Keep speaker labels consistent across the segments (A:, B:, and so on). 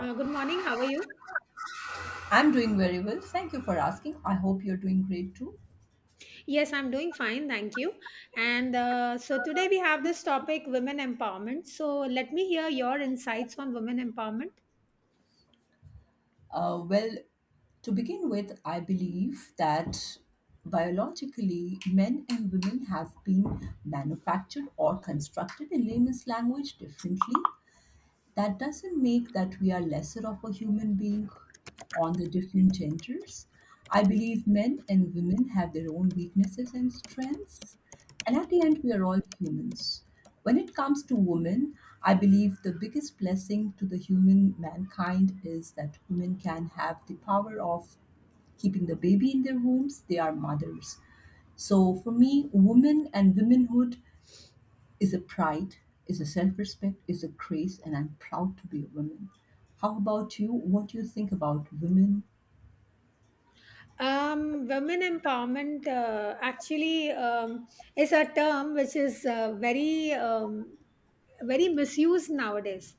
A: Good morning. How are you?
B: I'm doing very well. Thank you for asking. I hope you're doing great too.
A: Yes, I'm doing fine. Thank you. And so today we have this topic, women empowerment. So let me hear your insights on women empowerment.
B: Uh, well, to begin with, I believe that biologically, men and women have been manufactured or constructed in layman's language differently that doesn't make that we are lesser of a human being on the different genders. I believe men and women have their own weaknesses and strengths, and at the end, we are all humans. When it comes to women, I believe the biggest blessing to the human mankind is that women can have the power of keeping the baby in their wombs. They are mothers. So for me, women and womanhood is a pride, is a self-respect, is a grace, and I'm proud to be a woman. How about you? What do you think about women?
A: Women empowerment actually is a term which is very very misused nowadays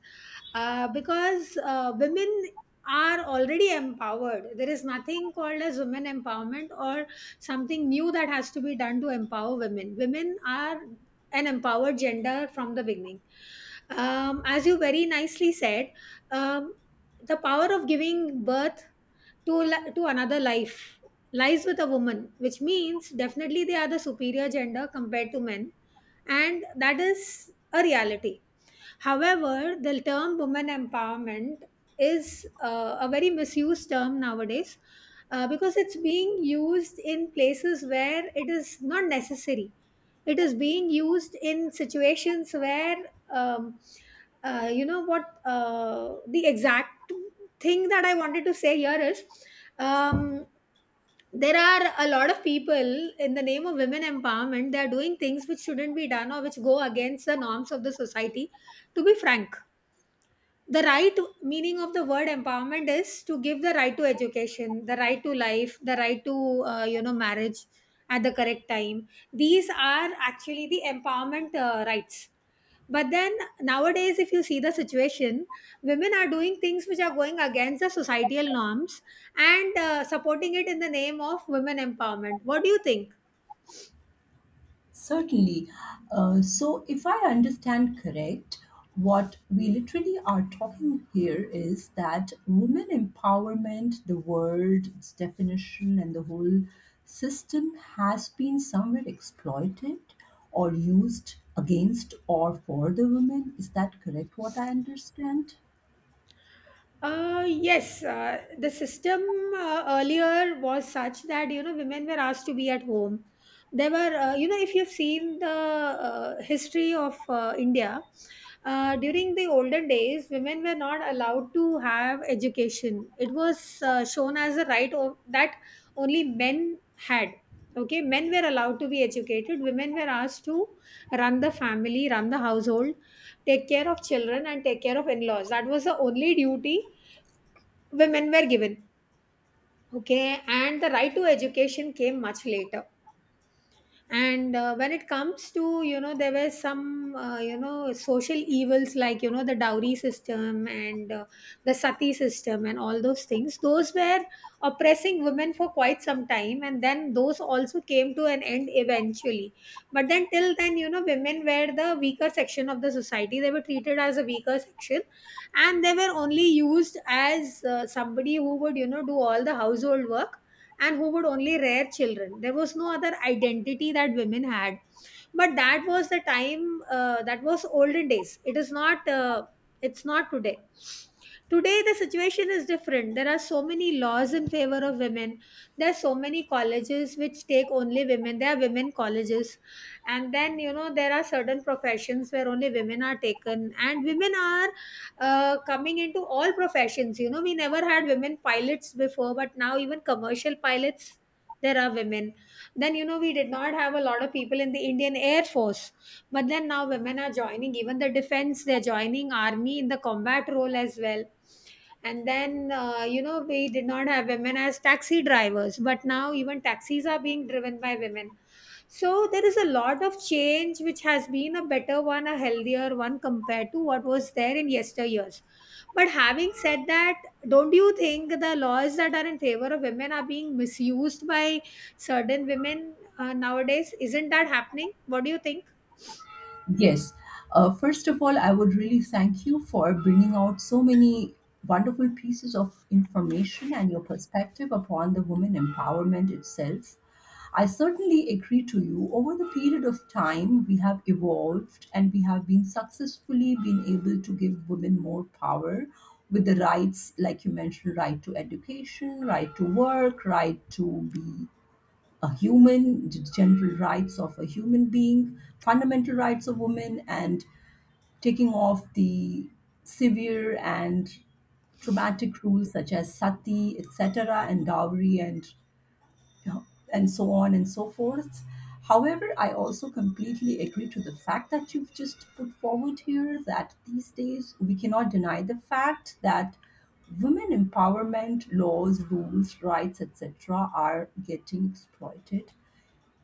A: because women are already empowered. There is nothing called as women empowerment or something new that has to be done to empower women. Women are an empowered gender from the beginning. As you very nicely said, um, the power of giving birth to another life lies with a woman, which means definitely they are the superior gender compared to men, and that is a reality. However, the term women empowerment is a very misused term nowadays because it's being used in places where it is not necessary. It is being used in situations where, um, you know, what the exact thing that I wanted to say here is. Um, there are a lot of people in the name of women empowerment, they are doing things which shouldn't be done or which go against the norms of the society, to be frank. The right meaning of the word empowerment is to give the right to education, the right to life, the right to marriage at the correct time. These are actually the empowerment rights. But then nowadays, if you see the situation, women are doing things which are going against the societal norms and supporting it in the name of women empowerment. What do you think?
B: Certainly. So, if I understand correct, what we literally are talking here is that women empowerment, the word, its definition, and the whole system has been somewhere exploited or used against or for the women. Is that correct? What I understand?
A: Yes, the system earlier was such that, you know, women were asked to be at home. There were, if you've seen the history of India, during the olden days, women were not allowed to have education. It was shown as a right that only men had. Okay, men were allowed to be educated. Women were asked to run the family, run the household, take care of children, and take care of in-laws. That was the only duty women were given. Okay, and the right to education came much later. And when it comes to, you know, there were some social evils like, you know, the dowry system and the sati system, and all those things those were oppressing women for quite some time, and then those also came to an end eventually. But then till then, you know, women were the weaker section of the society. They were treated as a weaker section, and they were only used as somebody who would, you know, do all the household work and who would only rear children. There was no other identity that women had. But that was the time, that was olden days. It is not it's not today. Today the situation is different. There are so many laws in favor of women. There are so many colleges which take only women. There are women colleges. And then, you know, there are certain professions where only women are taken, and women are coming into all professions. You know, we never had women pilots before, but now even commercial pilots, there are women. Then, you know, we did not have a lot of people in the Indian Air Force, but then now women are joining even the defense. They're joining army in the combat role as well. And then we did not have women as taxi drivers, but now even taxis are being driven by women. So there is a lot of change which has been a better one, a healthier one, compared to what was there in yesteryears. But having said that, don't you think the laws that are in favor of women are being misused by certain women nowadays? Isn't that happening? What do you think?
B: Yes. First of all, I would really thank you for bringing out so many wonderful pieces of information and your perspective upon the women empowerment itself. I certainly agree to you. Over the period of time, we have evolved and we have been successfully been able to give women more power with the rights, like you mentioned, right to education, right to work, right to be a human, the general rights of a human being, fundamental rights of women, and taking off the severe and traumatic rules such as sati, etc., and dowry, and you know, and so on and so forth. However, I also completely agree to the fact that you've just put forward here that these days we cannot deny the fact that women empowerment laws, rules, rights, etc., are getting exploited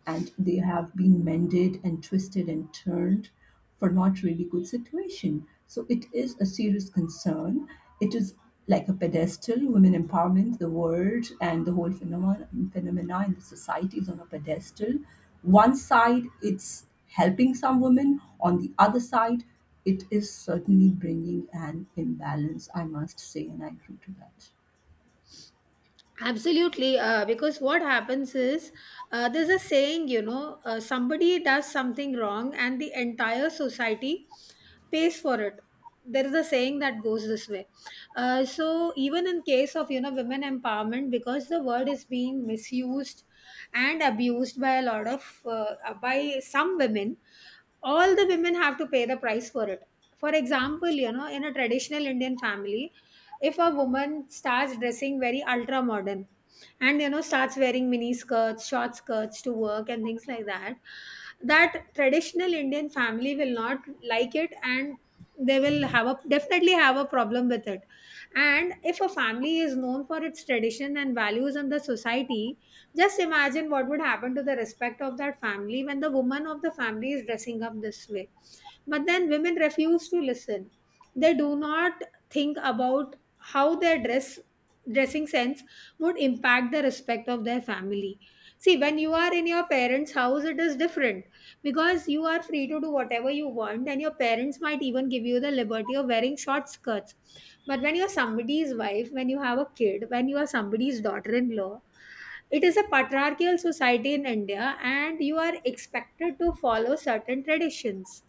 B: and they have been mended and twisted and turned for not really good situation. So it is a serious concern. It is like a pedestal. Women empowerment, the word and the whole phenomenon phenomena in the society is on a pedestal. One side, it's helping some women. On the other side, it is certainly bringing an imbalance, I must say, and I agree to that.
A: Absolutely, because what happens is, there's a saying, you know, somebody does something wrong and the entire society pays for it. There is a saying that goes this way. So even in case of, you know, women empowerment, because the word is being misused and abused by a lot of by some women, all the women have to pay the price for it. For example, you know, in a traditional Indian family, if a woman starts dressing very ultra modern and, you know, starts wearing mini skirts, short skirts to work and things like that, that traditional Indian family will not like it, and they will have a definitely have a problem with it. And if a family is known for its tradition and values in the society, just imagine what would happen to the respect of that family when the woman of the family is dressing up this way. But then women refuse to listen. They do not think about how their dressing sense would impact the respect of their family. See, when you are in your parents house, it is different, because you are free to do whatever you want, and your parents might even give you the liberty of wearing short skirts. But when you are somebody's wife, when you have a kid, when you are somebody's daughter-in-law, it is a patriarchal society in India, and you are expected to follow certain traditions.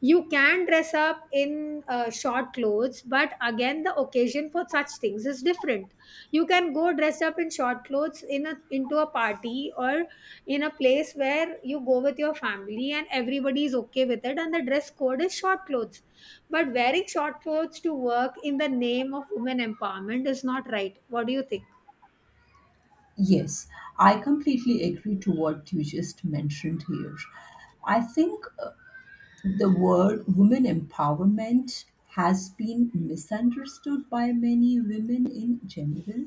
A: You can dress up in short clothes, but again, the occasion for such things is different. You can go dress up in short clothes in a into a party, or in a place where you go with your family and everybody is okay with it, and the dress code is short clothes. But wearing short clothes to work in the name of women empowerment is not right. What do you think?
B: Yes, I completely agree to what you just mentioned here. I think the word women empowerment has been misunderstood by many women in general.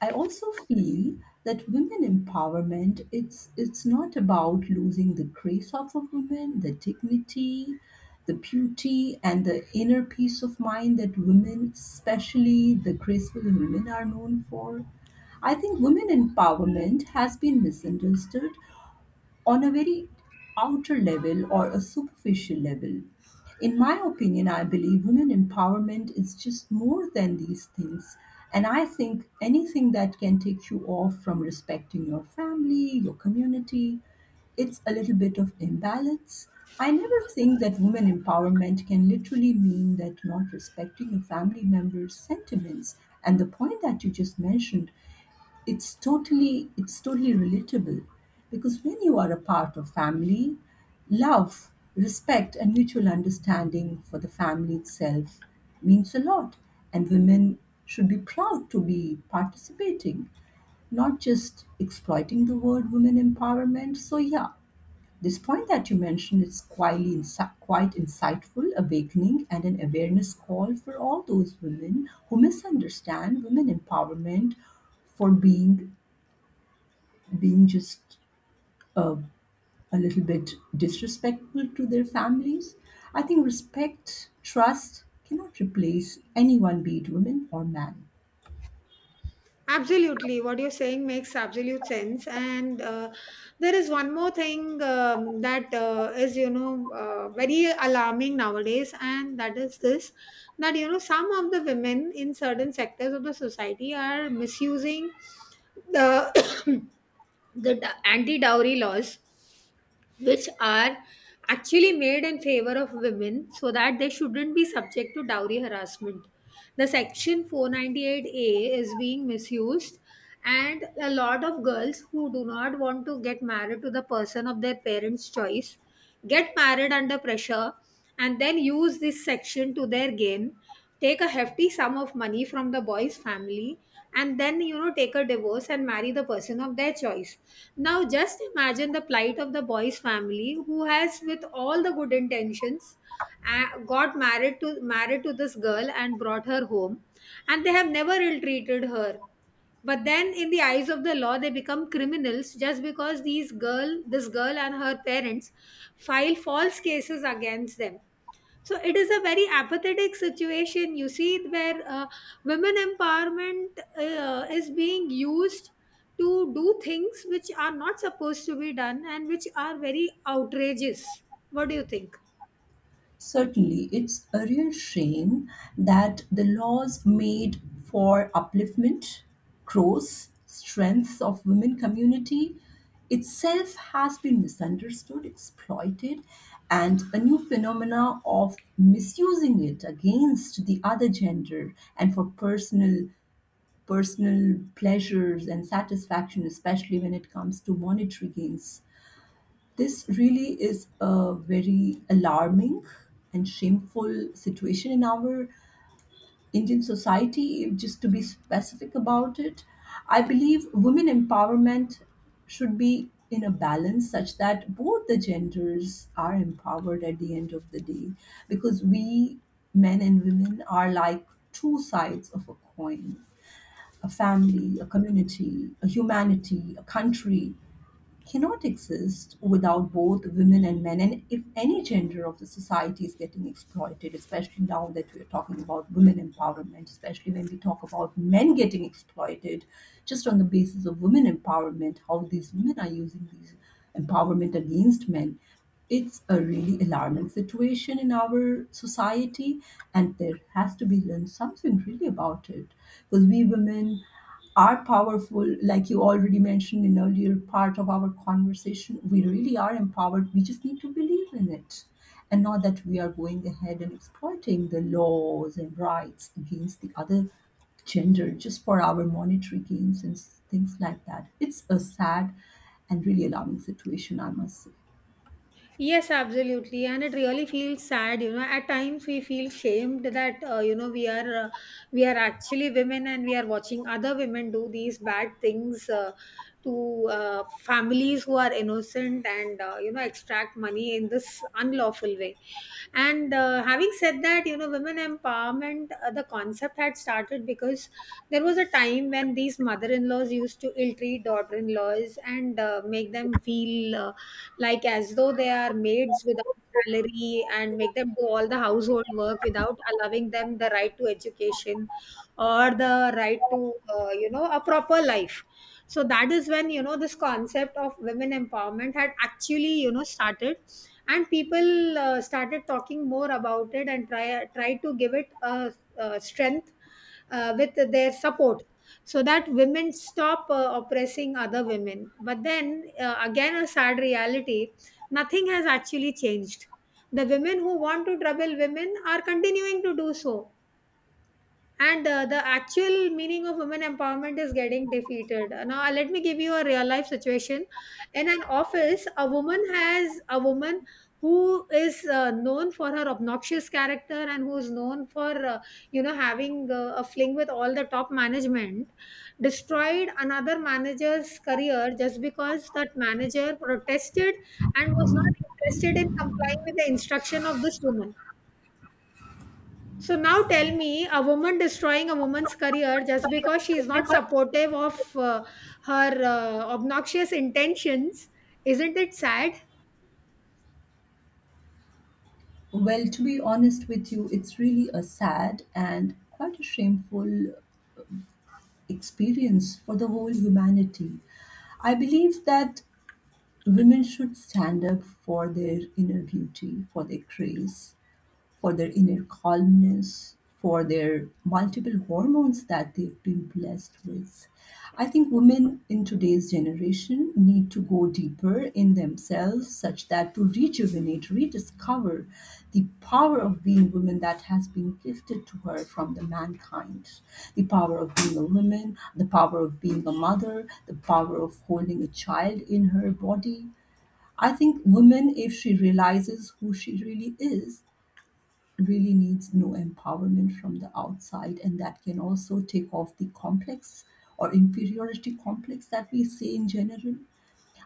B: I also feel that women empowerment, it's not about losing the grace of a woman, the dignity, the beauty and the inner peace of mind that women, especially the graceful women are known for. I think women empowerment has been misunderstood on a very outer level or a superficial level. In my opinion, I believe women empowerment is just more than these things. And I think anything that can take you off from respecting your family, your community, it's a little bit of imbalance. I never think that women empowerment can literally mean that not respecting your family members' sentiments. And the point that you just mentioned, it's totally relatable, because when you are a part of family, love, respect and mutual understanding for the family itself means a lot, and women should be proud to be participating, not just exploiting the word women empowerment. So yeah, this point that you mentioned is quite insightful, awakening and an awareness call for all those women who misunderstand women empowerment for being just uh, a little bit disrespectful to their families. I think respect, trust cannot replace anyone, be it women or man.
A: Absolutely, what you're saying makes absolute sense. And there is one more thing that is, you know, very alarming nowadays, and that is this, that, you know, some of the women in certain sectors of the society are misusing the, the anti dowry laws, which are actually made in favor of women so that they shouldn't be subject to dowry harassment. The section 498a is being misused, and a lot of girls who do not want to get married to the person of their parents choice get married under pressure and then use this section to their gain, take a hefty sum of money from the boy's family, and then, you know, take a divorce and marry the person of their choice. Now just imagine the plight of the boy's family, who has with all the good intentions got married to married to this girl and brought her home, and they have never ill treated her. But then in the eyes of the law they become criminals, just because these girl this girl and her parents file false cases against them. So it is a very apathetic situation, you see, where women empowerment is being used to do things which are not supposed to be done and which are very outrageous. What do you think?
B: Certainly, it's a real shame that the laws made for upliftment, growth, strength of women community itself has been misunderstood, exploited, and a new phenomena of misusing it against the other gender and for personal pleasures and satisfaction, especially when it comes to monetary gains. This really is a very alarming and shameful situation in our Indian society. If just to be specific about it, I believe women empowerment should be in a balance such that both the genders are empowered at the end of the day, because we men and women are like two sides of a coin. A family, a community, a humanity, a country cannot exist without both women and men, and if any gender of the society is getting exploited, especially now that we're talking about women empowerment, especially when we talk about men getting exploited just on the basis of women empowerment, how these women are using these empowerment against men, it's a really alarming situation in our society, and there has to be learned something really about it. Because we women are powerful, like you already mentioned in earlier part of our conversation, we really are empowered, we just need to believe in it, and not that we are going ahead and exploiting the laws and rights against the other gender just for our monetary gains and things like that. It's a sad and really alarming situation, I must say.
A: Yes, absolutely. And it really feels sad, you know. At times we feel shamed that, you know, we are actually women, and we are watching other women do these bad things to families who are innocent and, you know, extract money in this unlawful way. And having said that, you know, women empowerment, the concept had started because there was a time when these mother-in-laws used to ill-treat daughter-in-laws and make them feel like as though they are maids without salary, and make them do all the household work without allowing them the right to education or the right to a proper life. So that is when, you know, this concept of women empowerment had actually, you know, started, and people started talking more about it and try to give it a strength with their support, so that women stop oppressing other women. But then again, a sad reality, nothing has actually changed. The women who want to trouble women are continuing to do so. And the actual meaning of women empowerment is getting defeated now. Let me give you a real life situation. In an office, a woman who is known for her obnoxious character and who is known for having a fling with all the top management destroyed another manager's career, just because that manager protested and was not interested in complying with the instruction of this woman. So now tell me, a woman destroying a woman's career just because she is not supportive of her obnoxious intentions, isn't it sad?
B: Well, to be honest with you, it's really a sad and quite a shameful experience for the whole humanity. I believe that women should stand up for their inner beauty, for their grace, for their inner calmness, for their multiple hormones that they've been blessed with. I think women in today's generation need to go deeper in themselves such that to rejuvenate, rediscover the power of being women that has been gifted to her from the mankind. The power of being a woman, the power of being a mother, the power of holding a child in her body, I think women, if she realizes who she really is, really needs no empowerment from the outside. And that can also take off the complex or inferiority complex that we see in general.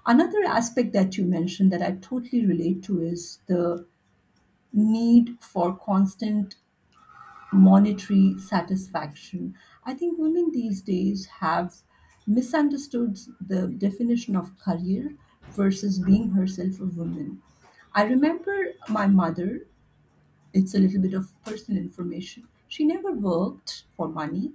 B: Another aspect that you mentioned that I totally relate to is the need for constant monetary satisfaction. I think women these days have misunderstood the definition of career versus being herself a woman. I remember my mother, it's a little bit of personal information. She never worked for money,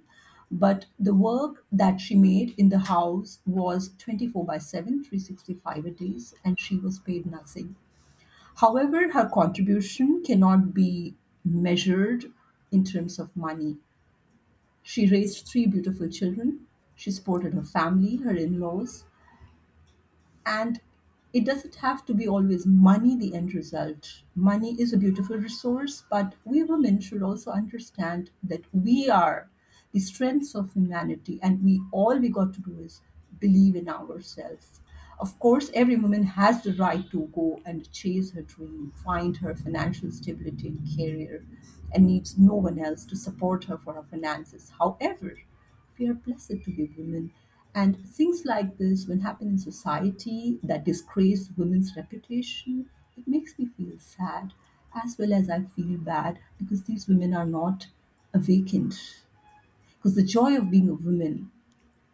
B: but the work that she made in the house was 24 by 7, 365 a days, and she was paid nothing. However, her contribution cannot be measured in terms of money. She raised three beautiful children. She supported her family, her in laws, and it doesn't have to be always money the end result. Money is a beautiful resource, but we women should also understand that we are the strengths of humanity and we all we got to do is believe in ourselves. Of course, every woman has the right to go and chase her dream, find her financial stability and career, and needs no one else to support her for her finances. However, we are blessed to be women. And things like this, when happen in society that disgrace women's reputation, it makes me feel sad as well as I feel bad because these women are not awakened. Because the joy of being a woman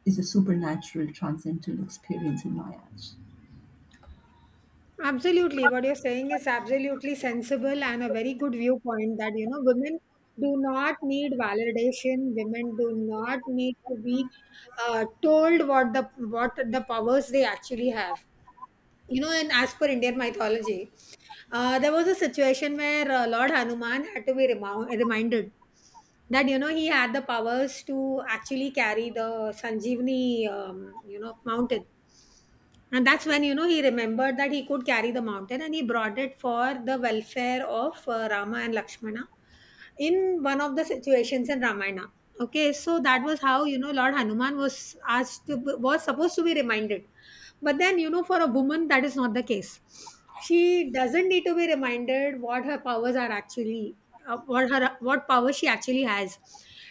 B: is a supernatural, transcendental experience in my eyes.
A: Absolutely. What you're saying is absolutely sensible and a very good viewpoint that, you know, women do not need validation. Women do not need to be told what the powers they actually have. You know, and as per Indian mythology, there was a situation where Lord Hanuman had to be reminded that, you know, he had the powers to actually carry the Sanjeevani, mountain, and that's when, you know, he remembered that he could carry the mountain, and he brought it for the welfare of Rama and Lakshmana in one of the situations in Ramayana. Okay, so that was how, you know, Lord Hanuman was asked to was supposed to be reminded. But then, you know, for a woman that is not the case. She doesn't need to be reminded what her powers are actually, what power she actually has.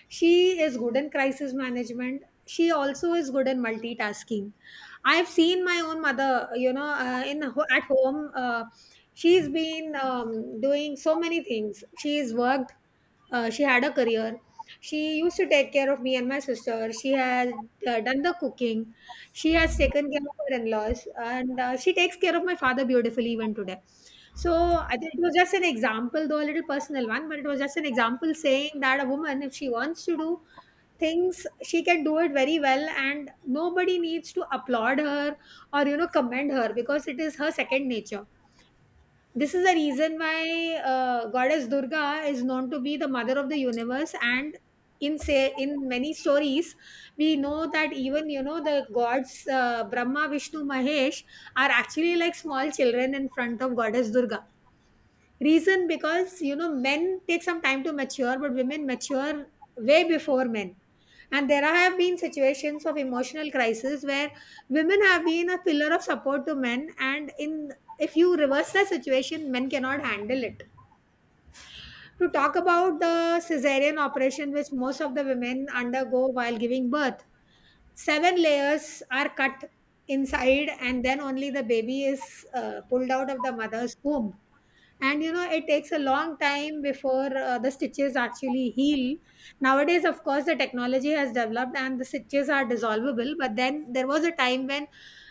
A: She is good in crisis management, she also is good in multitasking. I've seen my own mother, you know, at home. She's been doing so many things. She's worked. She had a career. She used to take care of me and my sister. She has done the cooking. She has taken care of her in-laws, and she takes care of my father beautifully even today. So I think it was just an example, though a little personal one, but it was just an example saying that a woman, if she wants to do things, she can do it very well and nobody needs to applaud her or, you know, commend her, because it is her second nature. This is the reason why Goddess Durga is known to be the mother of the universe. And in, say, in many stories, we know that even, you know, the gods, Brahma, Vishnu, Mahesh, are actually like small children in front of Goddess Durga. Reason, because, you know, men take some time to mature, but women mature way before men. And there have been situations of emotional crisis where women have been a pillar of support to men, and in, if you reverse the situation, men cannot handle it. To talk about the cesarean operation which most of the women undergo while giving birth, seven layers are cut inside and then only the baby is pulled out of the mother's womb. And you know, it takes a long time before the stitches actually heal. Nowadays, of course, the technology has developed and the stitches are dissolvable, but then there was a time when,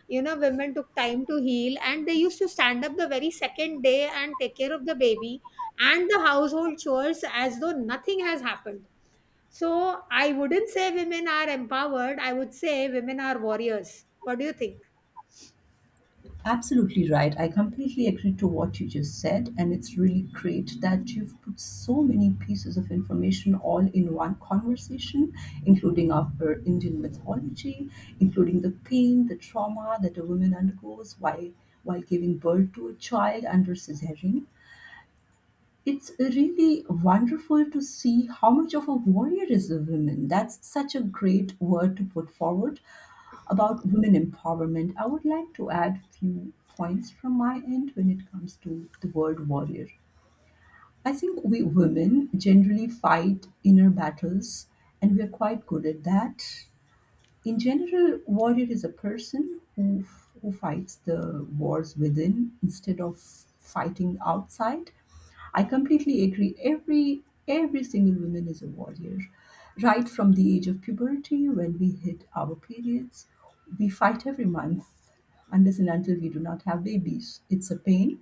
A: you know, women took time to heal and they used to stand up the very second day and take care of the baby and the household chores as though nothing has happened. So I wouldn't say women are empowered, I would say women are warriors. What do you think?
B: Absolutely right. I completely agree to what you just said, and it's really great that you've put so many pieces of information all in one conversation, including our Indian mythology, including the pain, the trauma that a woman undergoes while giving birth to a child under cesarean. It's really wonderful to see how much of a warrior is a woman. That's such a great word to put forward about women empowerment. I would like to add few points from my end when it comes to the word warrior. I think we women generally fight inner battles and we are quite good at that. In general, warrior is a person who fights the wars within instead of fighting outside. I completely agree. Every single woman is a warrior. Right from the age of puberty, when we hit our periods, we fight every month unless and until we do not have babies. It's a pain.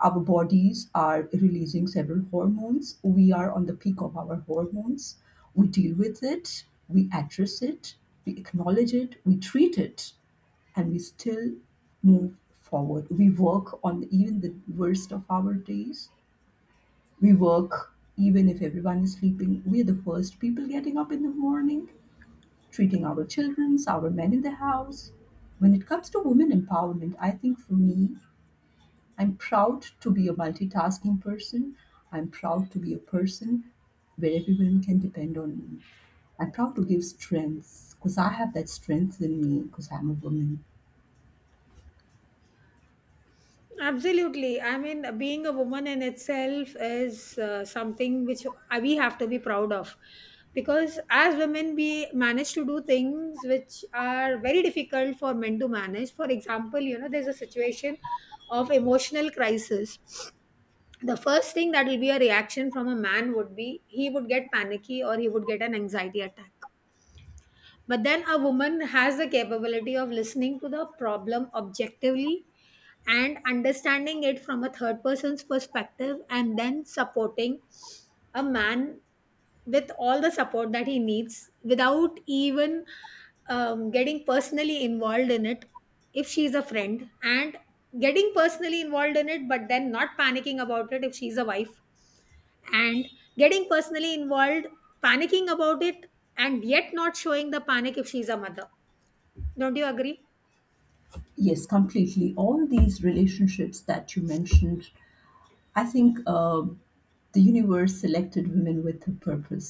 B: Our bodies are releasing several hormones. We are on the peak of our hormones. We deal with it, we address it, we acknowledge it, we treat it, and we still move forward. We work on even the worst of our days. We work even if everyone is sleeping. We're the first people getting up in the morning, treating our children, our men in the house. When it comes to women empowerment, I think for me, I'm proud to be a multitasking person. I'm proud to be a person where everyone can depend on me. I'm proud to give strength because I have that strength in me because I'm a woman.
A: Absolutely. I mean, being a woman in itself is something which we have to be proud of. Because as women, we manage to do things which are very difficult for men to manage. For example, you know, there's a situation of emotional crisis. The first thing that will be a reaction from a man would be he would get panicky or he would get an anxiety attack, but then a woman has the capability of listening to the problem objectively and understanding it from a third person's perspective and then supporting a man with all the support that he needs without even getting personally involved in it if she's a friend, and getting personally involved in it but then not panicking about it if she's a wife, and getting personally involved, panicking about it, and yet not showing the panic if she's a mother. Don't you agree?
B: Yes, completely. All these relationships that you mentioned, I think the universe selected women with a purpose.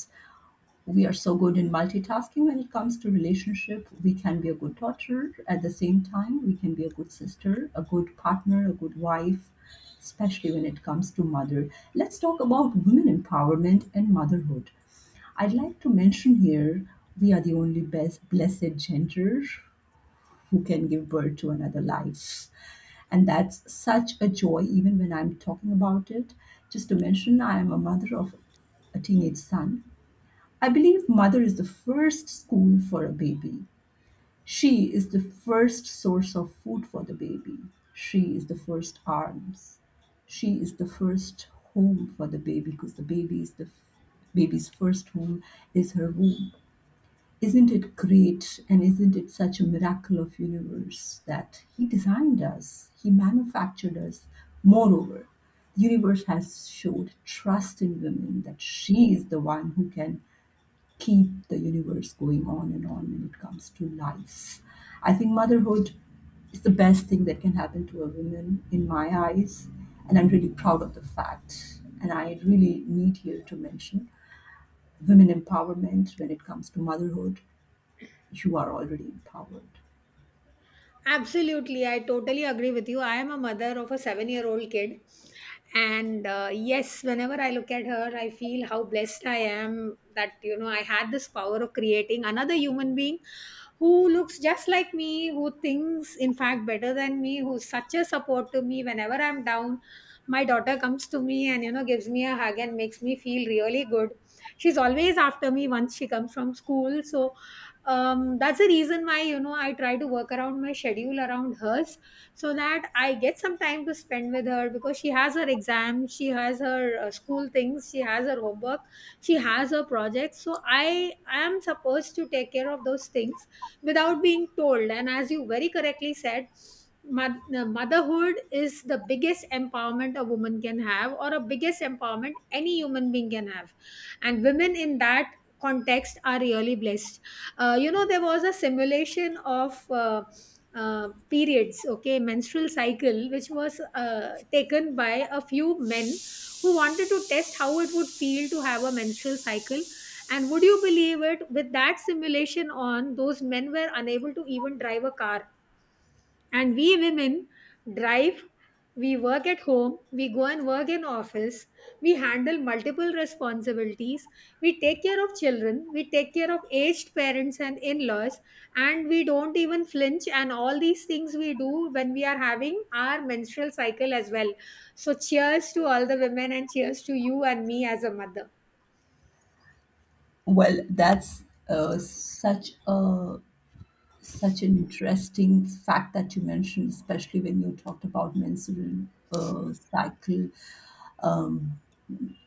B: We are so good in multitasking. When it comes to relationship, we can be a good daughter. At the same time, we can be a good sister, a good partner, a good wife, especially when it comes to mother. Let's talk about women empowerment and motherhood. I'd like to mention here, we are the only best blessed gender who can give birth to another life, and that's such a joy even when I'm talking about it. Just to mention, I am a mother of a teenage son. I believe mother is the first school for a baby. She is the first source of food for the baby. She is the first arms. She is the first home for the baby, because the baby is the f- baby's first home is her womb. Isn't it great, and isn't it such a miracle of universe that he designed us, he manufactured us. Moreover, the universe has showed trust in women that she is the one who can keep the universe going on and on when it comes to life. I think motherhood is the best thing that can happen to a woman in my eyes, and I'm really proud of the fact. And I really need here to mention women empowerment when it comes to motherhood. You are already empowered.
A: Absolutely. I totally agree with you. I am a mother of a 7-year old kid. And yes, whenever I look at her, I feel how blessed I am that, you know, I had this power of creating another human being who looks just like me, who thinks, in fact, better than me, who's such a support to me whenever I'm down. My daughter comes to me and, you know, gives me a hug and makes me feel really good. She's always after me once she comes from school. So, that's the reason why, you know, I try to work around my schedule around hers so that I get some time to spend with her, because she has her exams, she has her school things, she has her homework, she has her projects. So I am supposed to take care of those things without being told. And as you very correctly said, motherhood is the biggest empowerment a woman can have, or a biggest empowerment any human being can have. And women in that context are really blessed. You know, there was a simulation of periods, okay, menstrual cycle, which was taken by a few men who wanted to test how it would feel to have a menstrual cycle. And would you believe it? With that simulation on, those men were unable to even drive a car. And we women drive, we work at home, we go and work in office, we handle multiple responsibilities, we take care of children, we take care of aged parents and in laws, and we don't even flinch. And all these things we do when we are having our menstrual cycle as well. So, cheers to all the women and cheers to you and me as a mother.
B: Well, that's such a such an interesting fact that you mentioned, especially when you talked about menstrual cycle,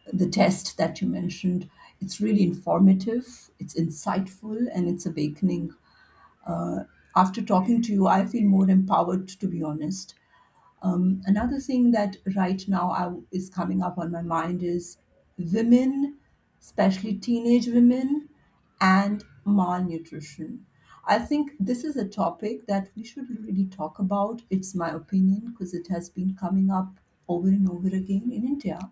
B: the test that you mentioned. It's really informative, it's insightful, and it's awakening. After talking to you, I feel more empowered, to be honest. Another thing that right now is coming up on my mind is women, especially teenage women, and malnutrition. I think this is a topic that we should really talk about. It's my opinion, because it has been coming up over and over again in India.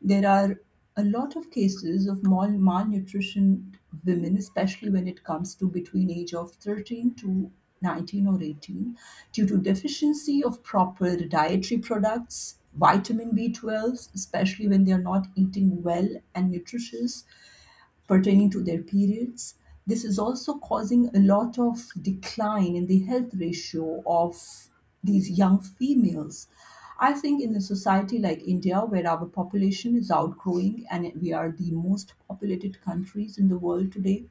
B: There are a lot of cases of malnutrition women, especially when it comes to between age of 13 to 19 or 18, due to deficiency of proper dietary products, vitamin B12, especially when they are not eating well and nutritious, pertaining to their periods. This is also causing a lot of decline in the health ratio of these young females. I think in a society like India, where our population is outgrowing and we are the most populated countries in the world today,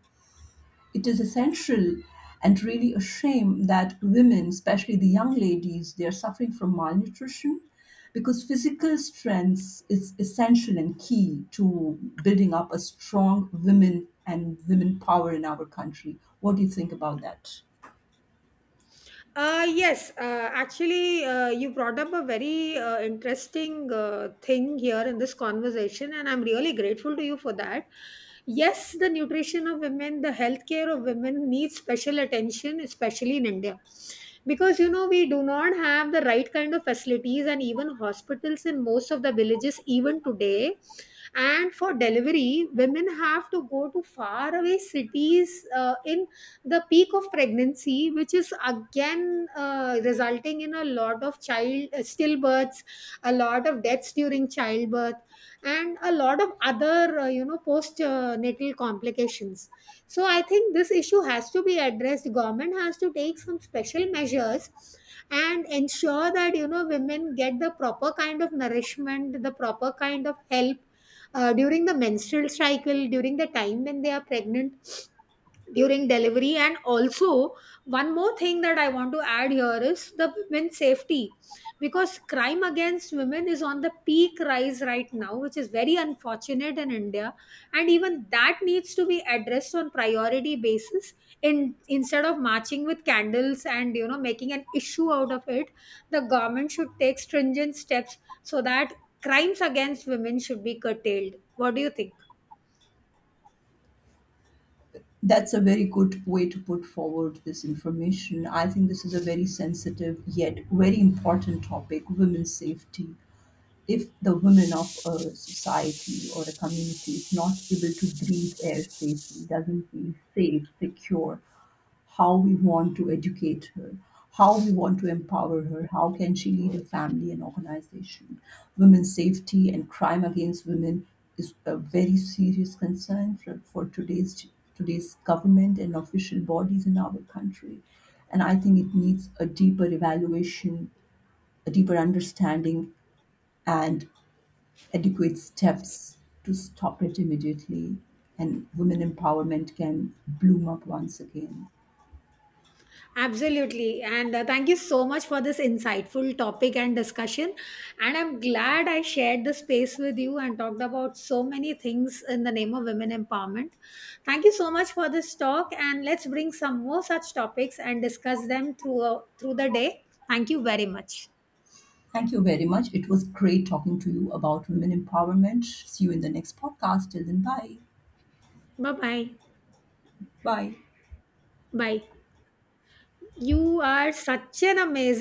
B: it is essential and really a shame that women, especially the young ladies, they are suffering from malnutrition, because physical strength is essential and key to building up a strong women and women power in our country. What do you think about that?
A: Yes, actually, you brought up a very interesting thing here in this conversation, and I'm really grateful to you for that. Yes, the nutrition of women, the healthcare of women needs special attention, especially in India. Because, you know, we do not have the right kind of facilities and even hospitals in most of the villages, even today. And for delivery, women have to go to faraway cities in the peak of pregnancy, which is again resulting in a lot of child stillbirths, a lot of deaths during childbirth, and a lot of other you know, postnatal complications. So I think this issue has to be addressed. Government has to take some special measures and ensure that, you know, women get the proper kind of nourishment, the proper kind of help during the menstrual cycle, during the time when they are pregnant, during delivery, and also one more thing that I want to add here is the women's safety, because crime against women is on the peak rise right now, which is very unfortunate in India. And even that needs to be addressed on priority basis, in instead of marching with candles and, you know, making an issue out of it. The government should take stringent steps so that crimes against women should be curtailed. What do you think?
B: That's a very good way to put forward this information. I think this is a very sensitive yet very important topic, women's safety. If the women of a society or a community is not able to breathe air safely, doesn't feel safe, secure, how we want to educate her, how we want to empower her, how can she lead a family and organization. Women's safety and crime against women is a very serious concern for, for today's government and official bodies in our country. And I think it needs a deeper evaluation, a deeper understanding, and adequate steps to stop it immediately, and women empowerment can bloom up once again.
A: Absolutely. And thank you so much for this insightful topic and discussion. And I'm glad I shared the space with you and talked about so many things in the name of women empowerment. Thank you so much for this talk. And let's bring some more such topics and discuss them through, through the day. Thank you very much.
B: Thank you very much. It was great talking to you about women empowerment. See you in the next podcast. Till then, bye.
A: Bye bye.
B: Bye.
A: Bye. You are such an amazing.